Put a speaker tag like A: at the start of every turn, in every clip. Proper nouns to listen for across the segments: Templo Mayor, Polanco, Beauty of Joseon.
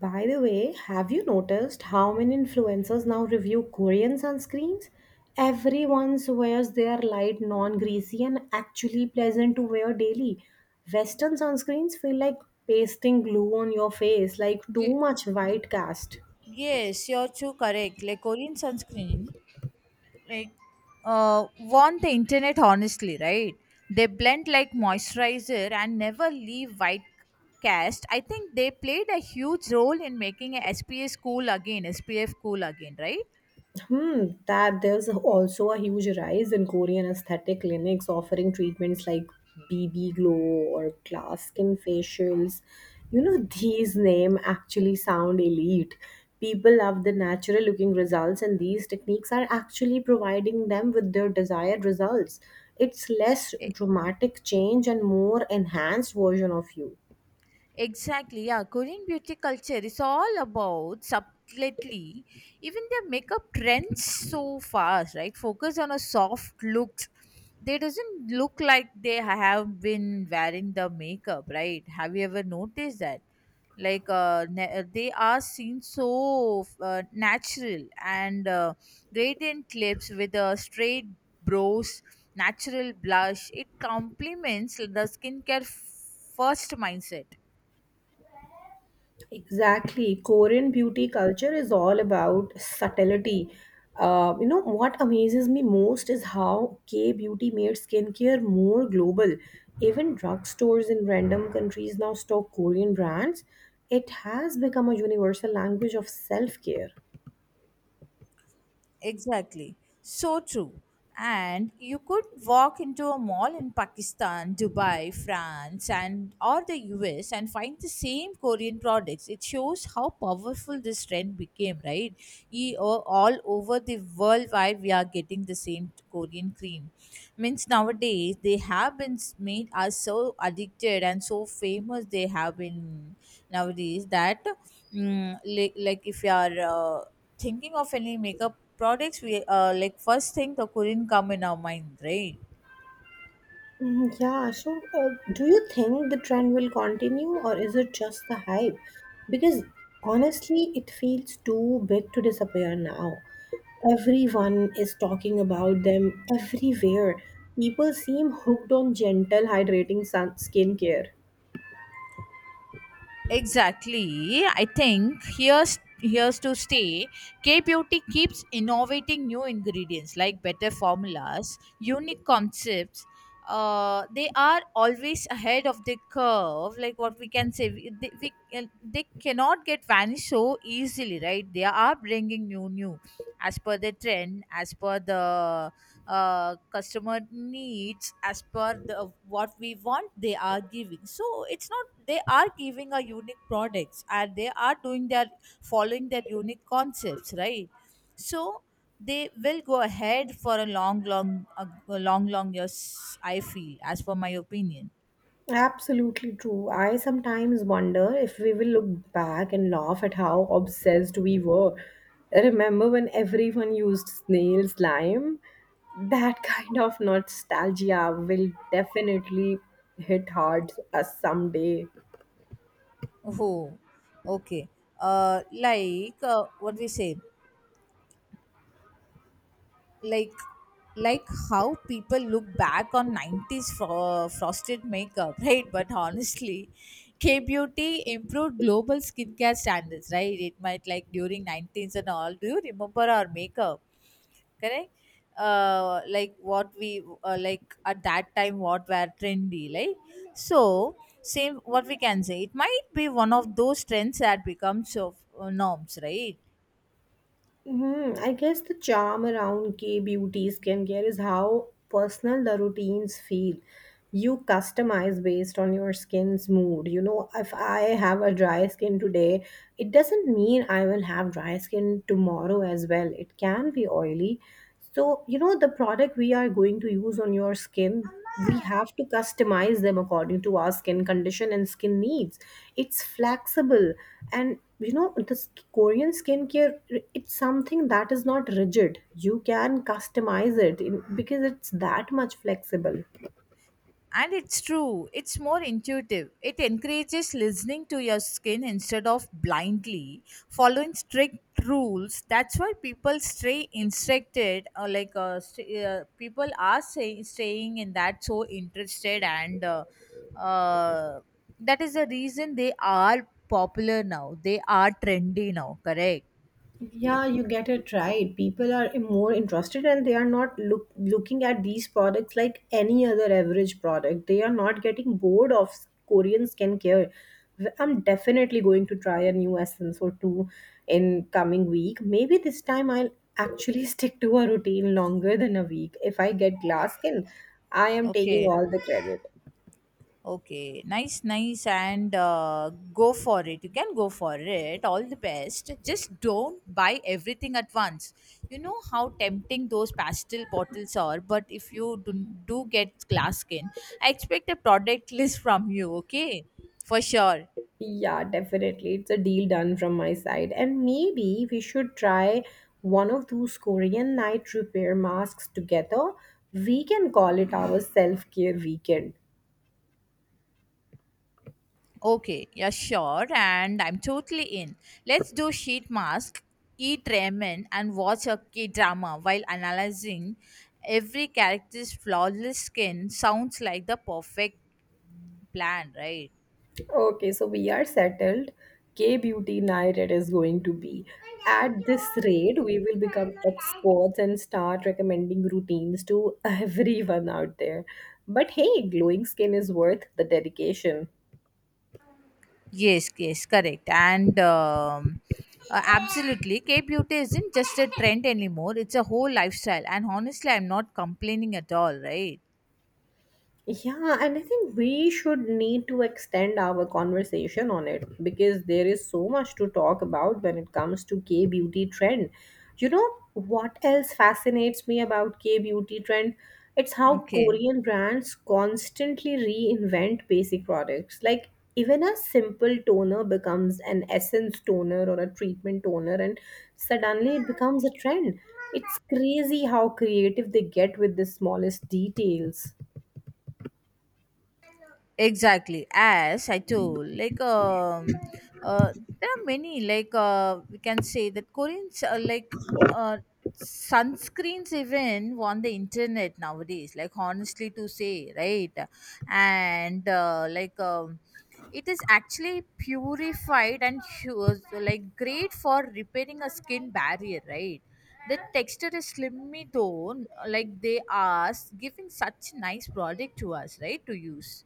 A: By the way, have you noticed how many influencers now review Korean sunscreens? Everyone swears they are light, non greasy, and actually pleasant to wear daily. Western sunscreens feel like pasting glue on your face, like too
B: Ye-
A: much
B: ye-
A: white cast.
B: Yes, you're too correct. Like Korean sunscreen, like want the internet honestly, right? They blend like moisturizer and never leave white cast. I think they played a huge role in making a SPF cool again, SPF cool again, right?
A: Hmm, that there's also a huge rise in Korean aesthetic clinics offering treatments like BB glow or glass skin facials. You know, these names actually sound elite. People love the natural looking results, and these techniques are actually providing them with their desired results. It's less
B: Eh,
A: dramatic change and more enhanced version of you.
B: Exactly, yeah. Korean beauty culture is all about subtlety. Even their makeup trends so fast, right? Focus on a soft look. They doesn't look like they have been wearing the makeup, right? Have you ever noticed that? They are seen so natural and radiant lips with a straight brows, natural blush. It complements the skincare first mindset.
A: Exactly. Korean beauty culture is all about subtlety. What amazes me most is how K beauty made skincare more global. Even drugstores in random countries now stock Korean brands. It has become a universal language of self care.
B: Exactly. So true. And you could walk into a mall in Pakistan, Dubai, France, and or the US and find the same Korean products. It shows how powerful this trend became, right? All over the world, wide we are getting the same Korean cream. Means nowadays they have been made us so addicted and so famous. They have been nowadays that like if you are. Thinking of any makeup products we like first thing the korean come in our mind, right?
A: Mm, yeah, so do you think the trend will continue or is it just the hype? Because honestly, it feels too big to disappear now. Everyone is talking about them everywhere. People seem hooked on gentle hydrating sun skincare.
B: Exactly. I think here's to stay. K Beauty keeps innovating new ingredients like better formulas, unique concepts. They are always ahead of the curve. Like what we can say, they cannot get vanished so easily, right? They are bringing as per the trend, as per the customer needs, as per the what we want they are giving, so it's not they are giving a unique products and they are doing their following their unique concepts, right? So they will go ahead for a long long years, I feel as per my opinion.
A: Absolutely true. I sometimes wonder if we will look back and laugh at how obsessed we were. Remember when everyone used snail slime? That kind of nostalgia will definitely hit hard us someday.
B: Oh, okay. What we say. like like how people look back on 90s frosted makeup, right? But honestly, K beauty improved global skincare standards, right? It might like during 90s and all, do you remember our makeup? Correct. Like what we like at that time what were trendy, like, so same, what we can say, it might be one of those trends that becomes of norms, right?
A: Hmm, I guess the charm around gay beauty skincare is how personal the routines feel. You customize based on your skin's mood. You know, if I have a dry skin today, it doesn't mean I will have dry skin tomorrow as well. It can be oily. So, you know, the product we are going to use on your skin, we have to customize them according to our skin condition and skin needs. It's flexible. And, you know, the Korean skincare, it's something that is not rigid. You can customize it in, because it's that much flexible.
B: And it's true, it's more intuitive. It encourages listening to your skin instead of blindly following strict rules. That's why people stay instructed, people are staying in that so interested, and uh, that is the reason they are popular now. They are trendy now, correct?
A: Yeah, you get it right. People are more interested and they are not looking at these products like any other average product. They are not getting bored of Korean skincare. I'm definitely going to try a new essence or two in coming week. Maybe this time I'll actually stick to a routine longer than a week. If I get glass skin, I am taking
B: Okay.
A: all the credit.
B: Okay, nice, nice, and go for it. You can go for it. All the best. Just don't buy everything at once. You know how tempting those pastel bottles are, but if you do, do get glass skin, I expect a product list from you, okay? For sure.
A: Yeah, definitely. It's a deal done from my side. And maybe we should try one of those Korean night repair masks together. We can call it our self care weekend.
B: Okay, yeah, sure, and I'm totally in. Let's do sheet mask, eat ramen, and watch a K drama while analyzing every character's flawless skin. Sounds like the perfect plan, right?
A: Okay, so we are settled. K beauty night it is going to be. At this rate, we will become experts and start recommending routines to everyone out there. But hey, glowing skin is worth the dedication.
B: Yes, yes, correct. And Absolutely, K beauty isn't just a trend anymore, it's a whole lifestyle. And honestly, I'm not complaining at all, right?
A: Yeah, and I think we should need to extend our conversation on it because there is so much to talk about when it comes to K beauty trend. You know what else fascinates me about K beauty trend? It's how
B: Okay.
A: Korean brands constantly reinvent basic products. Like even a simple toner becomes an essence toner or a treatment toner and suddenly it becomes a trend. It's crazy how creative they get with the smallest details.
B: Exactly, as I told, uh there are many, we can say that koreans are uh sunscreens, even on the internet nowadays, like honestly to say, right? And it is actually purified and like great for repairing a skin barrier, right? The texture is slimy though, like they are giving such nice product to us, right, to use.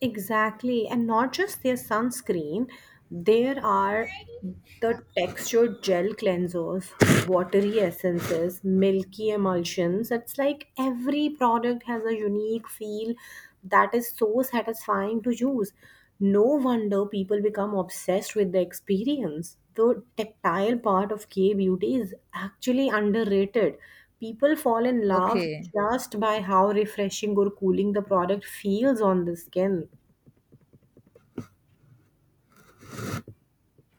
A: Exactly, and not just their sunscreen, there are the textured gel cleansers, watery essences, milky emulsions. It's like every product has a unique feel that is so satisfying to use. No wonder people become obsessed with the experience the tactile part of K beauty is actually underrated. People fall in love
B: Okay,
A: just by how refreshing or cooling the product feels on the skin.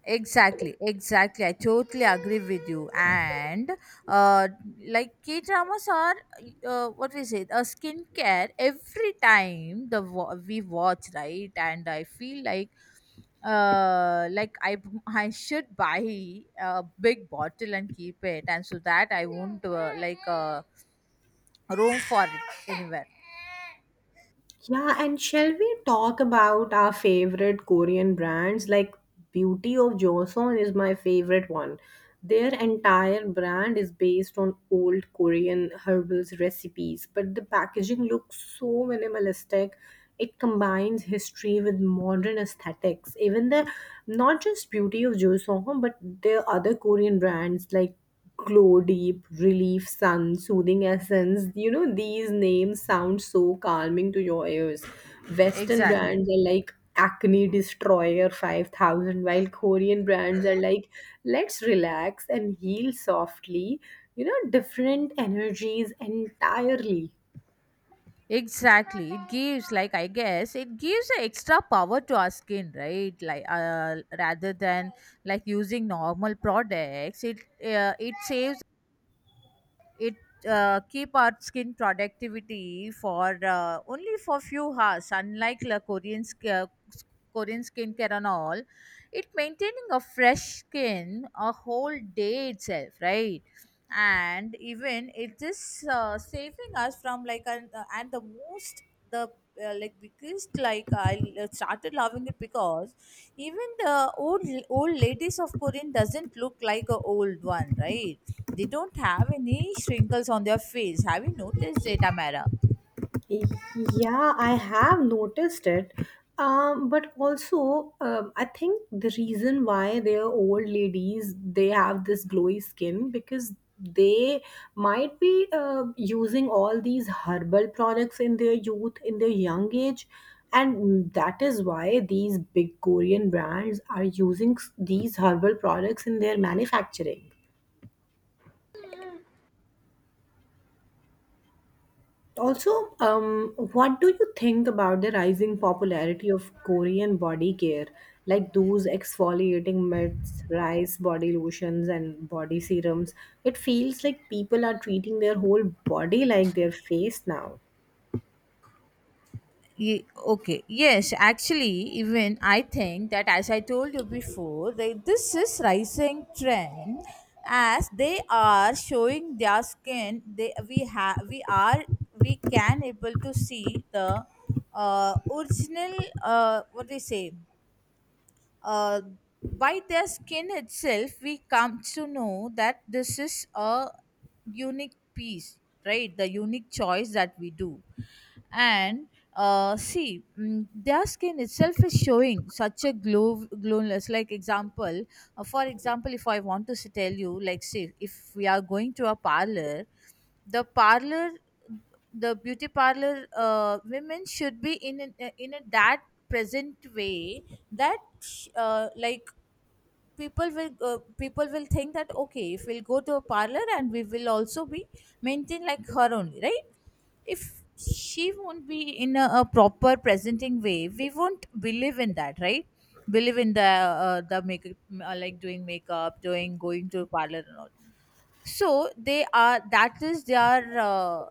B: exactly, exactly. I totally agree with you. And uh, like K dramas are what we say, a skincare every time the we watch, right? And I feel like I should buy a big bottle and keep it, and so that I won't room for it anywhere.
A: Yeah, and shall we talk about our favorite Korean brands? Like Beauty of Joseon is my favorite one. Their entire brand is based on old Korean herbals recipes, but the packaging looks so minimalistic. It combines history with modern aesthetics. Even the not just Beauty of Joseon, but the other Korean brands like glow deep, relief, sun, soothing essence. You know, these names sound so calming to your ears. Western
B: Exactly.
A: brands are like Acne Destroyer 5000, while Korean brands are like, let's relax and heal softly. You know, different energies entirely.
B: Exactly. It gives, like, I guess, it gives an extra power to our skin, right? Rather than like using normal products, it saves it keep our skin productivity for only for few hours, unlike the s- korean skincare and all, it maintaining a fresh skin a whole day itself, right? And even it is saving us from and the most the like biggest, like I started loving it because even the old old ladies of korean doesn't look like a old one, right? They don't have any shrinkles on their face. Have you noticed it, Amara?
A: Yeah, I have noticed it. But also, I think the reason why they are old ladies, they have this glowy skin because they might be using all these herbal products in their youth, in their young age. And that is why these big Korean brands are using these herbal products in their manufacturing. Also, what do you think about the rising popularity of Korean body care, like those exfoliating mitts, rice body lotions, and body serums? It feels like people are treating their whole body like their face now.
B: Ye- okay, yes, actually, even I think that as I told you before. Before, they, this is rising trend as they are showing their skin. They we have we are we can able to see the original, what do you say, uh, by their skin itself we come to know that this is a unique piece, right? The unique choice that we do. And See, their skin itself is showing such a glow glowiness, like example, for example, if I want to tell you, like say if we are going to a parlor, the parlor the beauty parlor, women should be in in a that present way, that like people will think that okay if we'll go to a parlor and we will also be maintain like her only, right? If she won't be in a proper presenting way, we won't believe in that, right? Believe in the make like doing makeup, doing going to parlor and all. So they are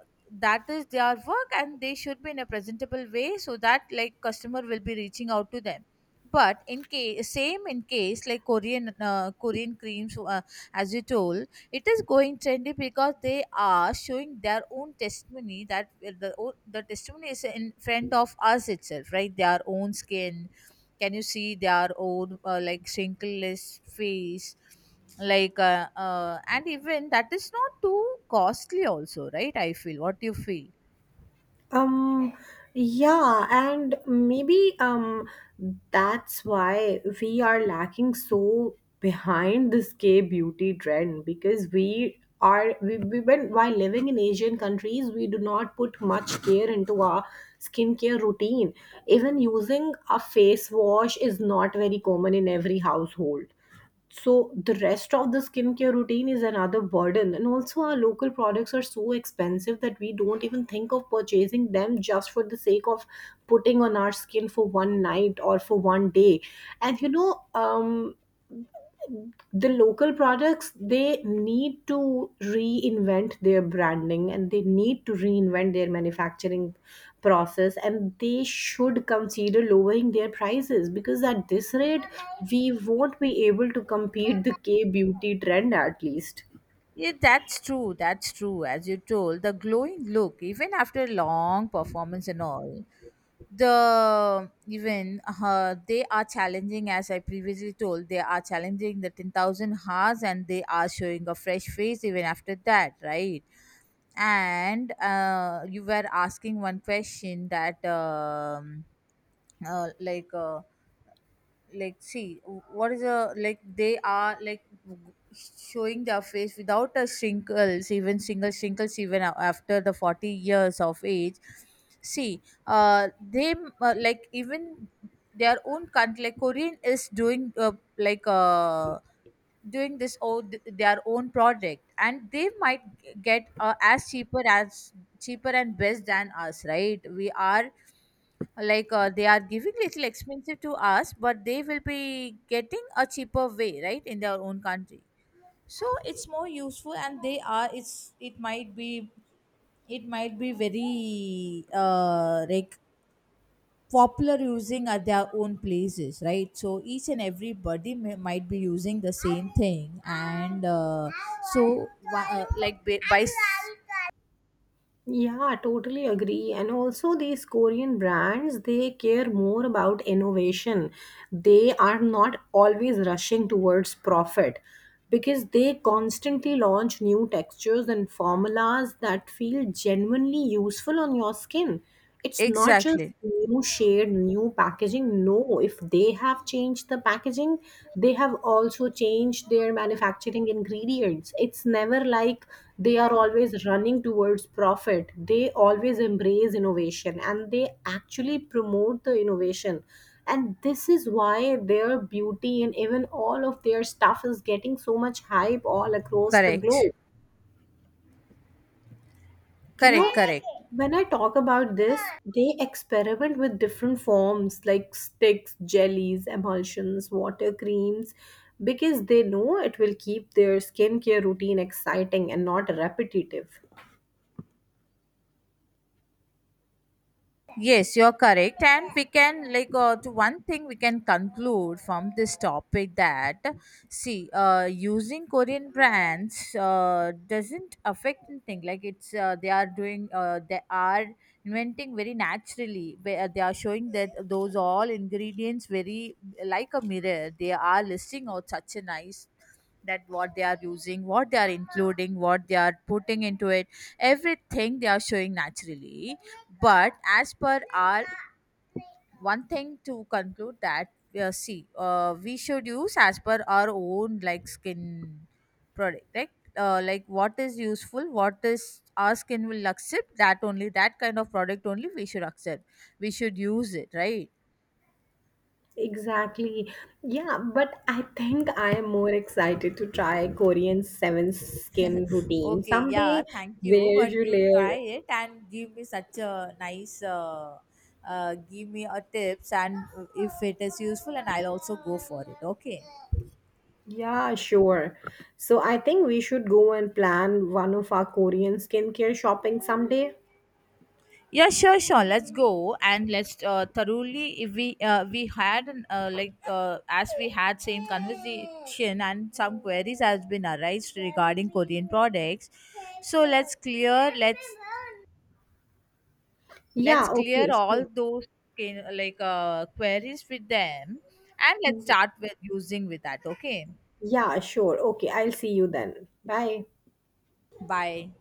B: that is their work and they should be in a presentable way so that like customer will be reaching out to them. But in case like korean creams, as you told, it is going trendy because they are showing their own testimony that the testimony is in front of us itself, right? Their own skin. Can you see their own like wrinkleless face? And even that is not too costly, also, right? I feel. What do you feel?
A: Um, yeah, and maybe that's why we are lacking so behind this K beauty trend because we when while living in Asian countries we do not put much care into our skincare routine. Even using a face wash is not very common in every household. So the rest of the skincare routine is another burden. And also our local products are so expensive that we don't even think of purchasing them just for the sake of putting on our skin for one night or for one day. And you know, the local products they need to reinvent their branding and they need to reinvent their manufacturing process and they should consider lowering their prices because at this rate we won't be able to compete the k beauty trend at least.
B: Yeah, that's true. That's true. As you told, the glowing look, even after long performance and all, they are challenging, as I previously told, they are challenging the 10,000 hours and they are showing a fresh face even after that, right? And you were asking one question that uh, like uh, like see what is a like they are like showing their face without a shrinkles, even single shrinkles, even after the 40 years of age. See uh they uh, like even their own country like korean is doing doing this or their own project and they might get as cheaper and best than us, right? We are they are giving little expensive to us, but they will be getting a cheaper way, right, in their own country. So it's more useful, and they are it might be very like popular using at their own places, right? So each and everybody might be using the same thing, and so wha- uh, like by, by s-
A: Yeah, totally agree. And also, these Korean brands, they care more about innovation. They are not always rushing towards profit because they constantly launch new textures and formulas that feel genuinely useful on your skin. It's not just
B: exactly.
A: new shade, new packaging. No, if they have changed the packaging, they have also changed their manufacturing ingredients. It's never like they are always running towards profit. They always embrace innovation and they actually promote the innovation. And this is why their beauty and even all of their stuff is getting so much hype all across the
B: correct
A: globe. You know,
B: Correct.
A: when I talk about this, they experiment with different forms like sticks, jellies, emulsions, water creams because they know it will keep their skincare routine exciting and not repetitive.
B: Yes, you're correct. And we can, to one thing we can conclude from this topic that, see, using Korean brands doesn't affect anything. Like, it's, they are doing, they are inventing very naturally. Where they are showing that those all ingredients very like a mirror. They are listing out such a nice that what they are using, what they are including, what they are putting into it, everything they are showing naturally. But as per our one thing to conclude that, see, we should use as per our own like skin product, right? Like what is useful, what is our skin will accept, that only that kind of product only we should accept, we should use it, right?
A: Exactly. Yeah, but I think I am more excited to try Korean 7 skin routine
B: Okay, yeah,
A: someday
B: thank you,
A: where
B: but
A: you
B: you try
A: layer.
B: it and give me such a nice give me a tips, and if it is useful and I'll also go for it, okay?
A: Yeah, sure. So I think we should go and plan one of our Korean skincare shopping someday.
B: Yeah, sure, sure. Let's go and let's thoroughly. If we we had an, like as we had same conversation and some queries has been arised regarding Korean products. So let's clear. Let's
A: Yeah,
B: clear
A: okay.
B: all
A: So,
B: those queries with them, and let's
A: y-
B: start with using with that. Okay.
A: yeah, sure. Okay, I'll see you then. Bye.
B: Bye.